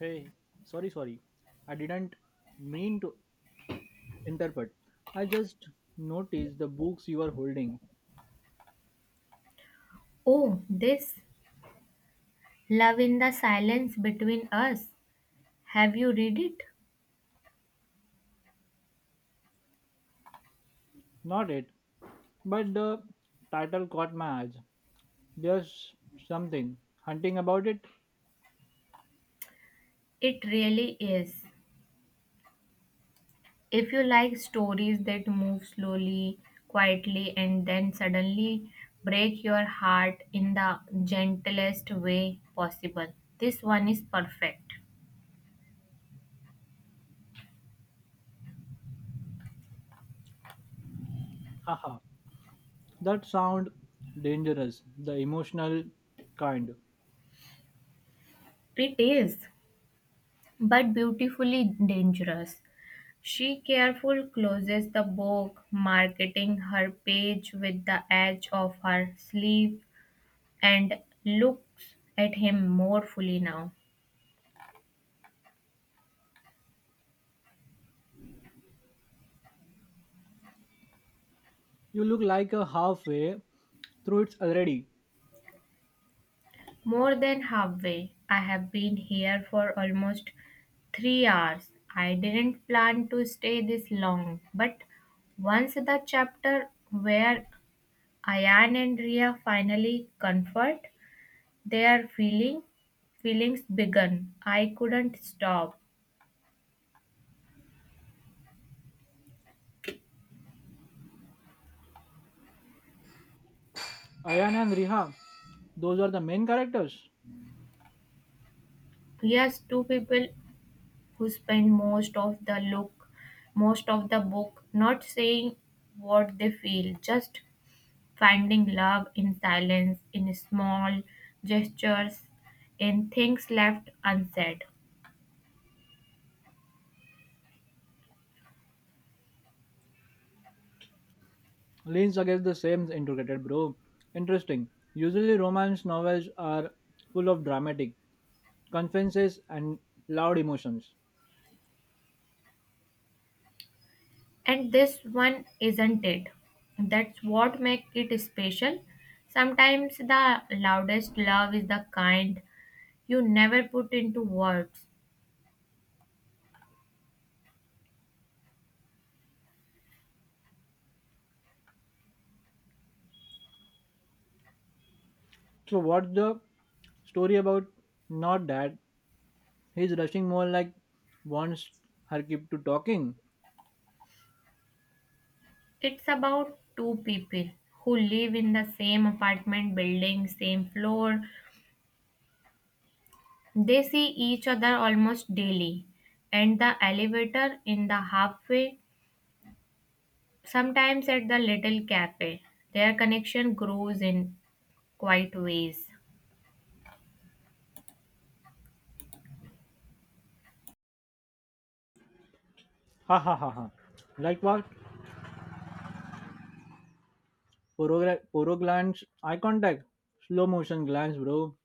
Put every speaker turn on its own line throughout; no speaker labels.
Hey, sorry. I didn't mean to interpret. I just noticed the books you are holding.
Oh, this Love in the Silence Between Us. Have you read it?
Not it, but the title caught my eyes. There's something hunting about it.
It really is. If you like stories that move slowly, quietly, and then suddenly break your heart in the gentlest way possible, this one is perfect.
Haha. That sound dangerous, the emotional kind.
It is, but beautifully dangerous. She carefully closes the book, marking her page with the edge of her sleeve and looks at him more fully now.
You look like a halfway through it already.
More than halfway. I have been here for almost 3 hours. I didn't plan to stay this long, but once the chapter where Ayan and Ria finally comfort their feelings begun, I couldn't stop.
Ayan and Riha, those are the main characters.
Yes, two people who spend most of the most of the book, not saying what they feel, just finding love in silence, in small gestures, in things left unsaid.
Leans against the same integrated bro. Interesting. Usually romance novels are full of dramatic confidences and loud emotions.
And this one isn't it. That's what makes it special. Sometimes the loudest love is the kind you never put into words.
So what's the story about? Not that. He's rushing more like wants her keep to talking.
It's about two people who live in the same apartment building, same floor. They see each other almost daily, and the elevator in the halfway. Sometimes at the little cafe, their connection grows in quiet ways.
Ha ha ha ha. Like what? Poro, poro glance, eye contact, slow motion glance, bro.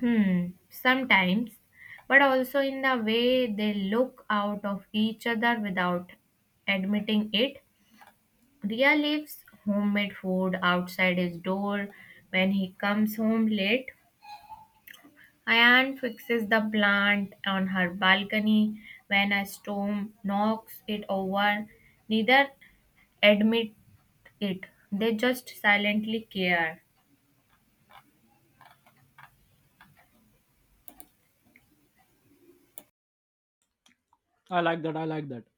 Hmm, sometimes, but also in the way they look out of each other without admitting it. Ria leaves homemade food outside his door when he comes home late. Ayan fixes the plant on her balcony when a storm knocks it over. Neither admit it. They just silently care.
I like that.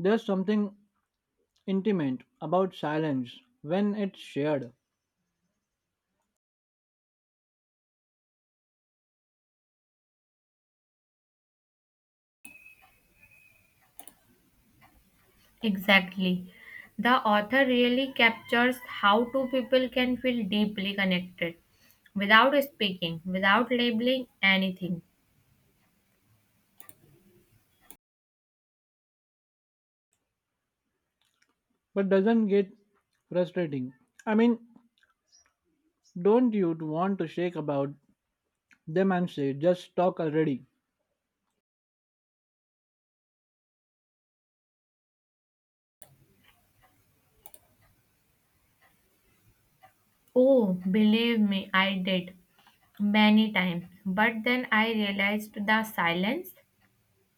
There's something intimate about silence when it's shared.
Exactly. The author really captures how two people can feel deeply connected without speaking, without labeling anything.
But doesn't get frustrating. I mean, don't you want to shake about them and say, just talk already?
Oh, believe me, I did many times. But then I realized the silence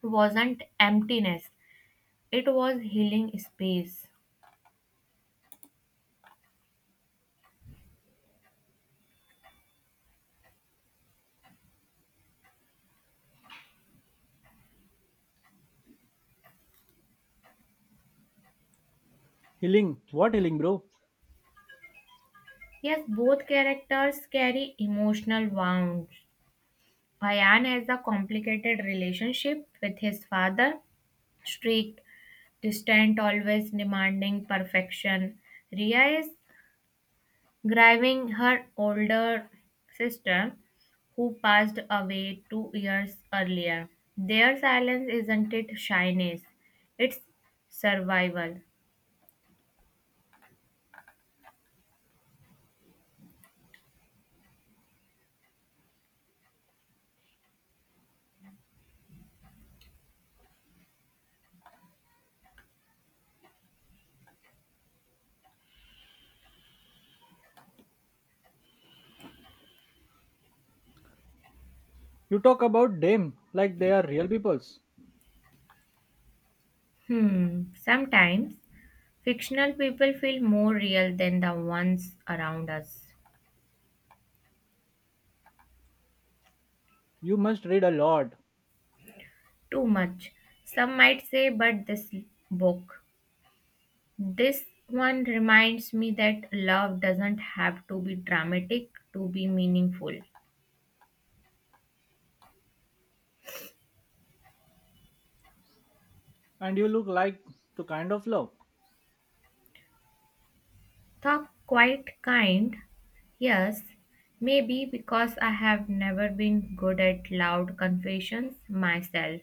wasn't emptiness, it was healing space.
Healing? What healing, bro?
Yes, both characters carry emotional wounds. Payan has a complicated relationship with his father, strict, distant, always demanding perfection. Ria is grieving her older sister, who passed away 2 years earlier. Their silence isn't it shyness, it's survival.
You talk about them like they are real peoples.
Hmm, sometimes fictional people feel more real than the ones around us.
You must read a lot,
Too much, some might say, but this book This one reminds me that love doesn't have to be dramatic to be meaningful.
and you look like to kind of love.
Talk quite kind, yes, maybe because I have never been good at loud confessions myself.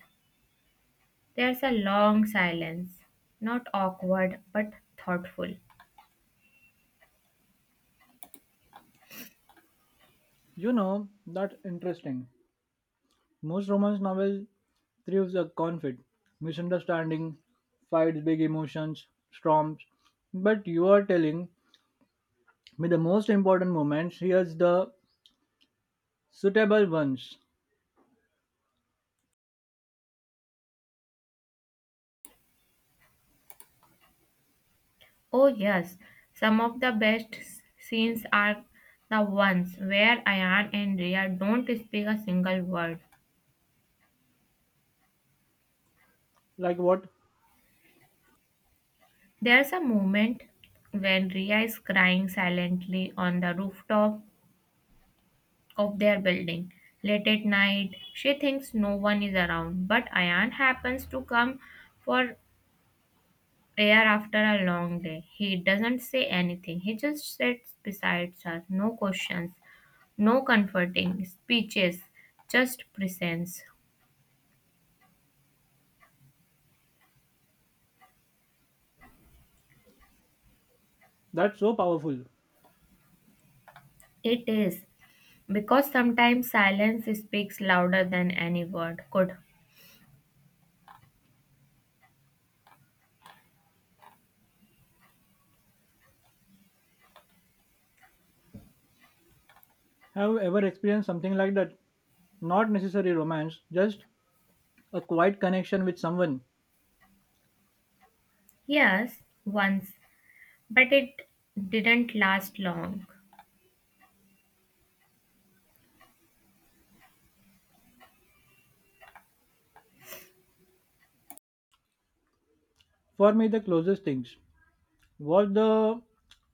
There's a long silence, not awkward but thoughtful.
You know, that's interesting. Most romance novels thrives a conflict, misunderstanding, fights, big emotions, storms. But you are telling me the most important moments here's the suitable ones.
Oh, yes, some of the best scenes are the ones where Ayan and Rhea don't speak a single word.
Like what?
There's a moment when Ria is crying silently on the rooftop of their building. Late at night, she thinks no one is around, but Ayan happens to come for air after a long day. He doesn't say anything, he just sits beside her. No questions, no comforting speeches, just presence.
That's so powerful.
It is because sometimes silence speaks louder than any word could.
Have you ever experienced something like that? Not necessarily romance, just a quiet connection with someone.
Yes, once. But it didn't last long.
For me, the closest things was the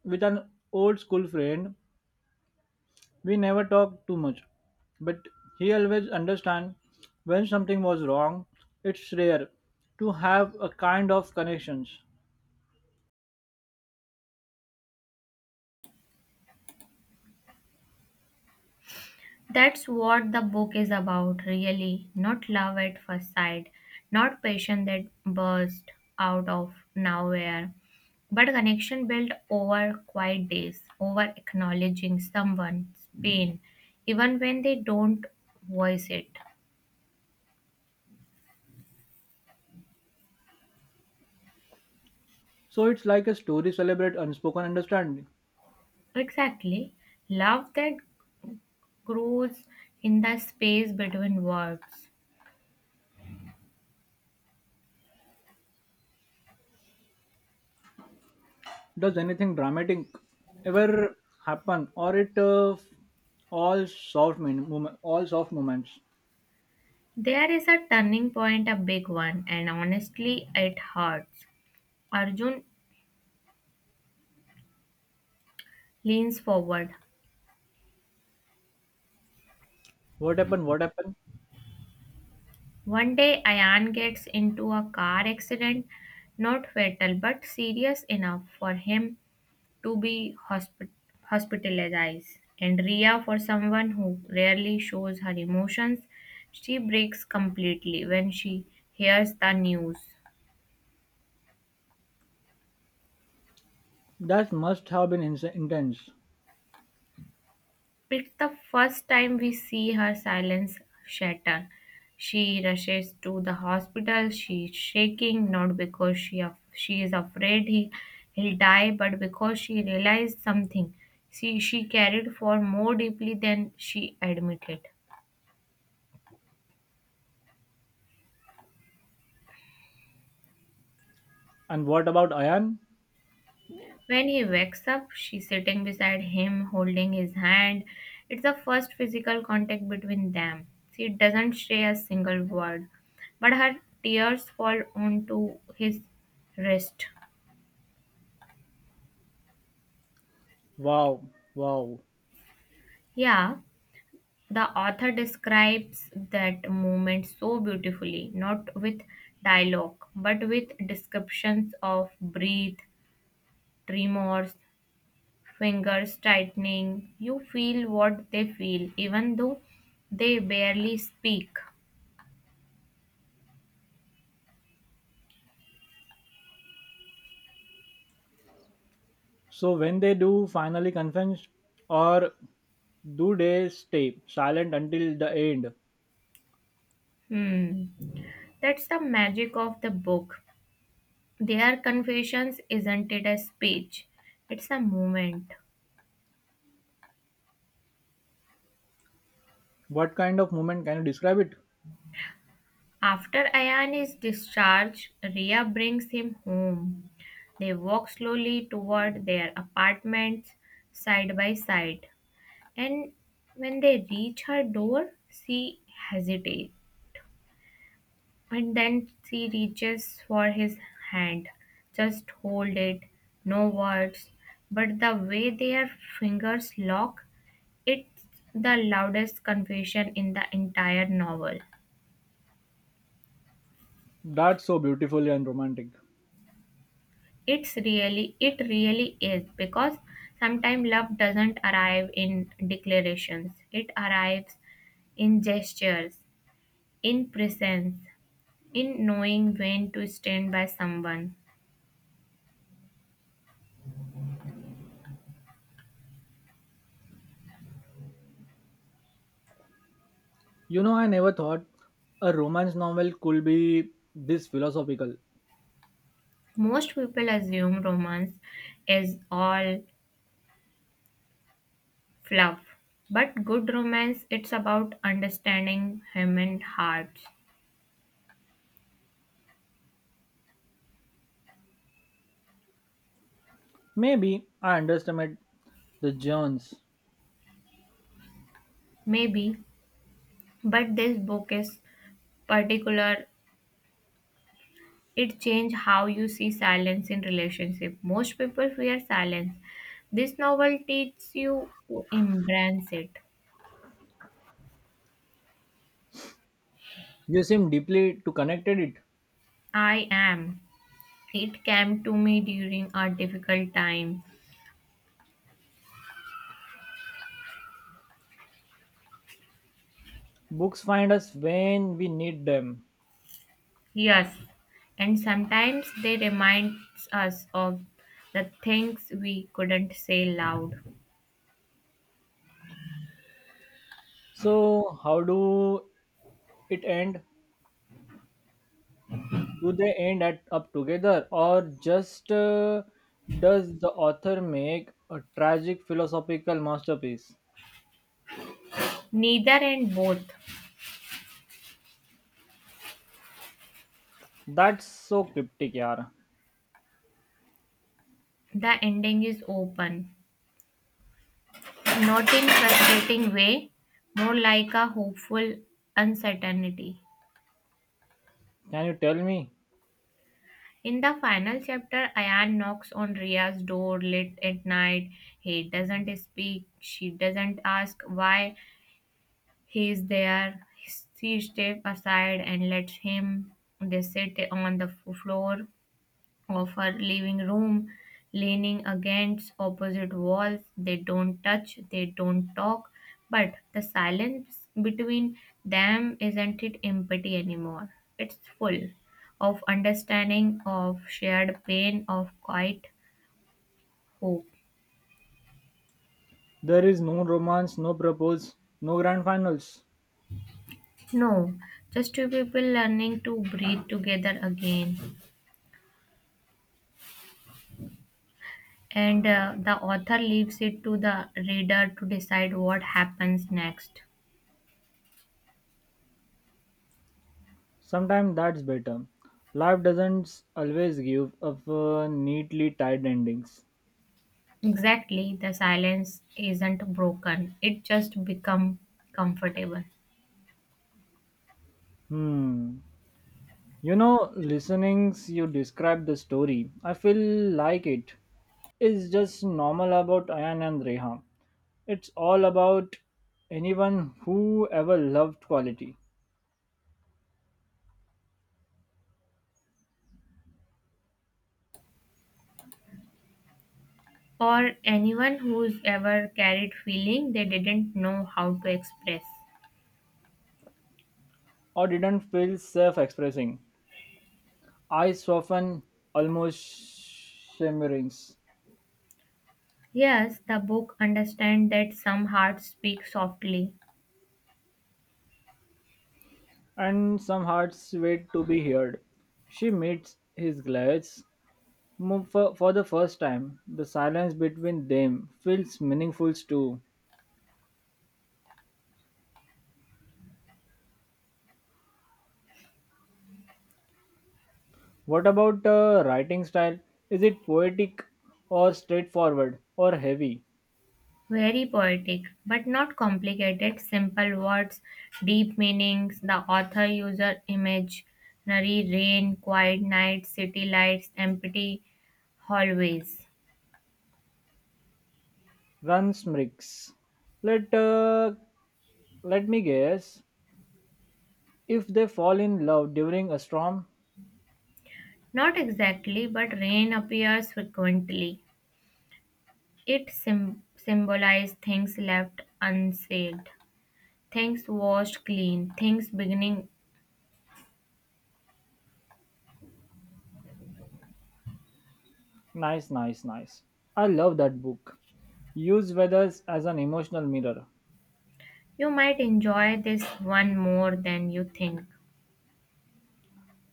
with an old school friend. We never talked too much, but he always understand when something was wrong. It's rare to have a kind of connections.
That's what the book is about, really. Not love at first sight, not passion that burst out of nowhere, but a connection built over quiet days, over acknowledging someone's pain, even when they don't voice it.
So it's like a story celebrate unspoken understanding.
Exactly. Love that grows in the space between words.
Does anything dramatic ever happen, or it all soft moment, all soft moments?
There is a turning point, a big one, and honestly, it hurts. Arjun leans forward.
What happened?
One day, Ayan gets into a car accident, not fatal but serious enough for him to be hospitalized. And Ria, for someone who rarely shows her emotions, she breaks completely when she hears the news.
That must have been intense.
It's the first time we see her silence shatter. She rushes to the hospital. She's shaking, not because she is afraid he'll die, but because she realized something she carried for more deeply than she admitted.
And what about Ayan?
When he wakes up, she's sitting beside him, holding his hand. It's the first physical contact between them. She doesn't say a single word, but her tears fall onto his wrist.
Wow, wow.
Yeah, the author describes that moment so beautifully, not with dialogue, but with descriptions of breath, tremors, fingers tightening. You feel what they feel, even though they barely speak.
So when they do finally confess, or do they stay silent until the end?
Hmm. That's the magic of the book. Their confessions isn't it a speech, it's a moment.
What kind of moment can you describe it?
After Ayan is discharged, Ria brings him home. They walk slowly toward their apartments side by side. And when they reach her door, she hesitates. And then she reaches for his hand. Just hold it, no words. But the way their fingers lock, it's the loudest confession in the entire novel.
That's so beautiful and romantic.
It really is because sometimes love doesn't arrive in declarations, it arrives in gestures, in presence, in knowing when to stand by someone.
You know, I never thought a romance novel could be this philosophical.
Most people assume romance is all fluff, but good romance it's about understanding human hearts.
Maybe I underestimated the Jones.
Maybe, but this book is particular. It changed how you see silence in relationship. Most people fear silence, this novel teaches you to embrace it.
You seem deeply to connected it.
I am, it came to me during a difficult time.
Books find us when we need them.
Yes, and sometimes they remind us of the things we couldn't say loud.
So how do it end? Do they end at, up together, or just does the author make a tragic philosophical masterpiece?
Neither and both.
That's so cryptic, yaar.
The ending is open, not in frustrating way, more like a hopeful uncertainty.
Can you tell me?
In the final chapter, Ayan knocks on Ria's door late at night. He doesn't speak. She doesn't ask why he is there. She steps aside and lets him. They sit on the floor of her living room, leaning against opposite walls. They don't touch, they don't talk, but the silence between them isn't it empty anymore. It's full of understanding, of shared pain, of quiet hope.
There is no romance, no propose, no grand finals.
No, just two people learning to breathe together again. And the author leaves it to the reader to decide what happens next.
Sometimes that's better. Life doesn't always give up neatly tied endings.
Exactly, the silence isn't broken. It just become comfortable.
Hmm. You know, listenings you describe the story. I feel like it is just normal about Ayan and Reha. It's all about anyone who ever loved quality
Or anyone who's ever carried feeling they didn't know how to express.
or didn't feel self expressing. Eyes soften, almost shimmerings.
Yes, the book understand that some hearts speak softly,
And some hearts wait to be heard. She meets his glance for the first time. The silence between them feels meaningful too. What about writing style? Is it poetic or straightforward or heavy?
very poetic, but not complicated, simple words, deep meanings. The author uses imaginary rain, quiet nights, city lights, empty hallways.
Runs mix. Let uh, let me guess. If they fall in love during a storm,
Not exactly, but rain appears frequently. It symbolizes things left unsaved, things washed clean, things beginning.
nice. I love that book. Use weathers as an emotional mirror.
You might enjoy this one more than you think.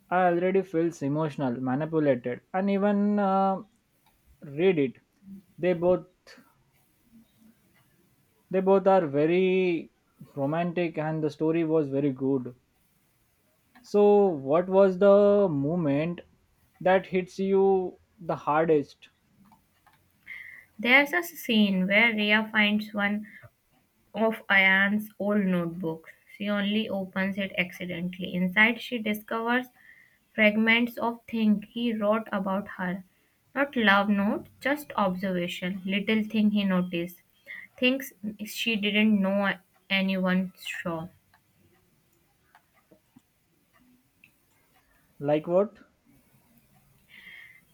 I already feels emotional, manipulated, and even read it. They both they both are very romantic, and the story was very good. So, what was the moment that hits you the hardest?
There's a scene where Rhea finds one of Ayan's old notebooks. She only opens it accidentally. Inside, she discovers fragments of thing he wrote about her. Not love notes, just observation, little thing he noticed, things she didn't know anyone saw.
Like what?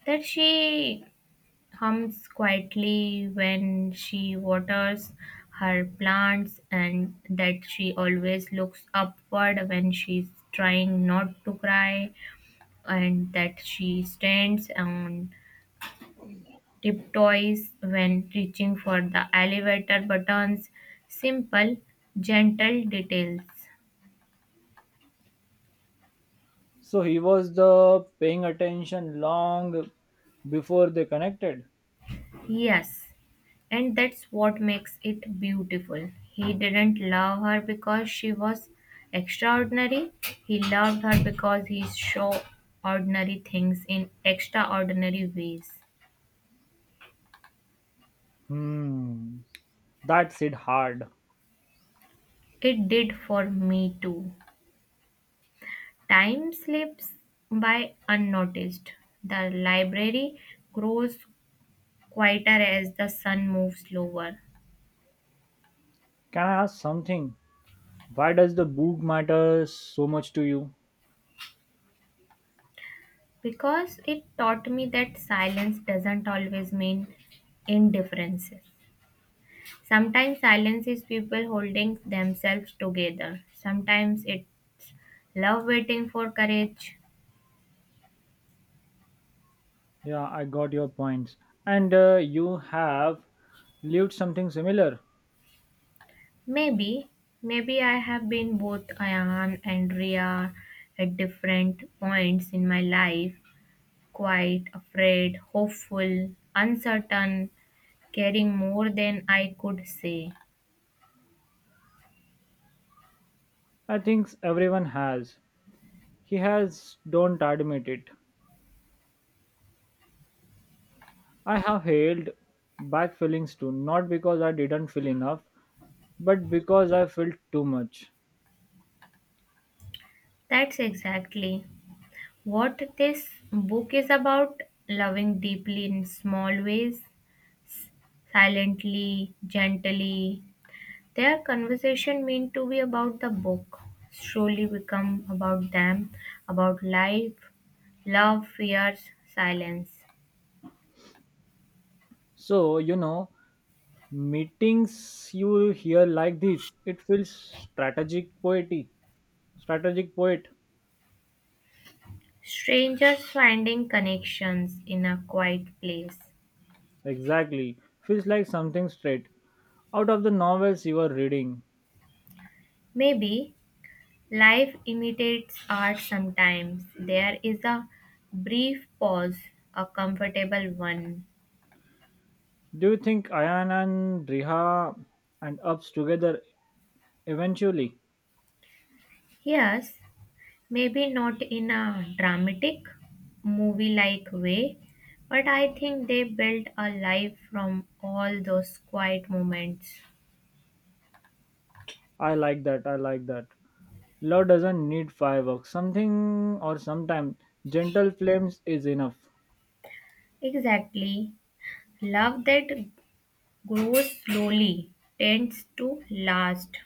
That she hums quietly when she waters her plants, and that she always looks upward when she's trying not to cry, and that she stands on tiptoes when reaching for the elevator buttons. Simple, gentle details.
So he was the paying attention long before they connected.
Yes, and that's what makes it beautiful. He didn't love her because she was extraordinary. He loved her because he saw ordinary things in extraordinary ways.
Hmm, that's it hard.
It did for me too. Time slips by unnoticed. The library grows quieter as the sun moves slower
Can I ask something? Why does the book matter so much to you?
because it taught me that silence doesn't always mean indifference. Sometimes silence is people holding themselves together. Sometimes it's love waiting for courage.
Yeah, I got your points. And you have lived something similar.
Maybe, Maybe I have been both Ayan and Ria at different points in my life. Quite afraid, hopeful, uncertain, caring more than I could say.
I think everyone has. He has, don't admit it. I have held back feelings too, not because I didn't feel enough, but because I felt too much.
That's exactly what this book is about, loving deeply in small ways, silently, gently. Their conversation meant to be about the book, slowly become about them, about life, love, fears, silence.
So, you know, meetings you hear like this, it feels strategic poety. Strategic poet,
Strangers finding connections in a quiet place.
exactly. Feels like something straight out of the novels you are reading.
Maybe life imitates art sometimes. There is a brief pause, a comfortable one.
Do you think Ayan and Riha and Ups together eventually?
Yes, maybe not in a dramatic, movie like way, but I think they built a life from all those quiet moments.
I like that. Love doesn't need fireworks. Something or sometime gentle flames is enough.
Exactly. Love that grows slowly tends to last.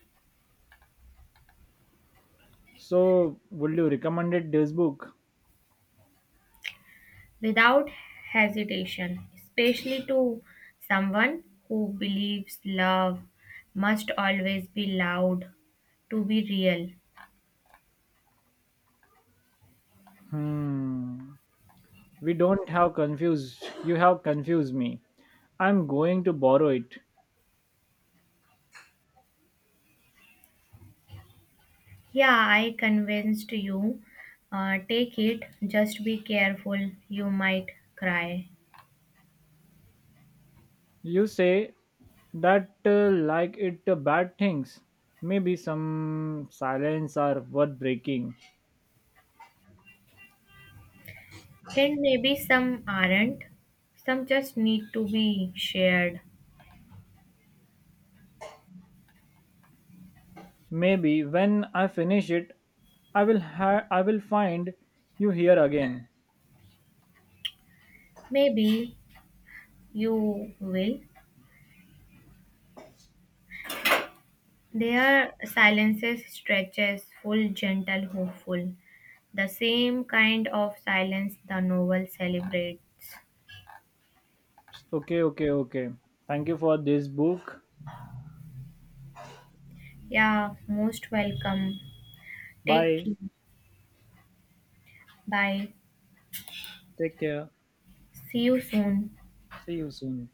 So, would you recommend it this book?
Without hesitation, especially to someone who believes love must always be loud to be real.
Hmm. We don't have confused. You have confused me. I'm going to borrow it.
Yeah, I convinced you. Take it, just be careful, you might cry.
You say that like it bad things. Maybe some silence are worth breaking.
And maybe some aren't, some just need to be shared.
Maybe when I finish it, I will find you here again.
Maybe you will. Their silences stretches full, gentle, hopeful, the same kind of silence the novel celebrates.
Okay. Thank you for this book.
Yeah, most welcome. Take
Bye.
care. Bye.
Take care.
See you soon.
See you soon.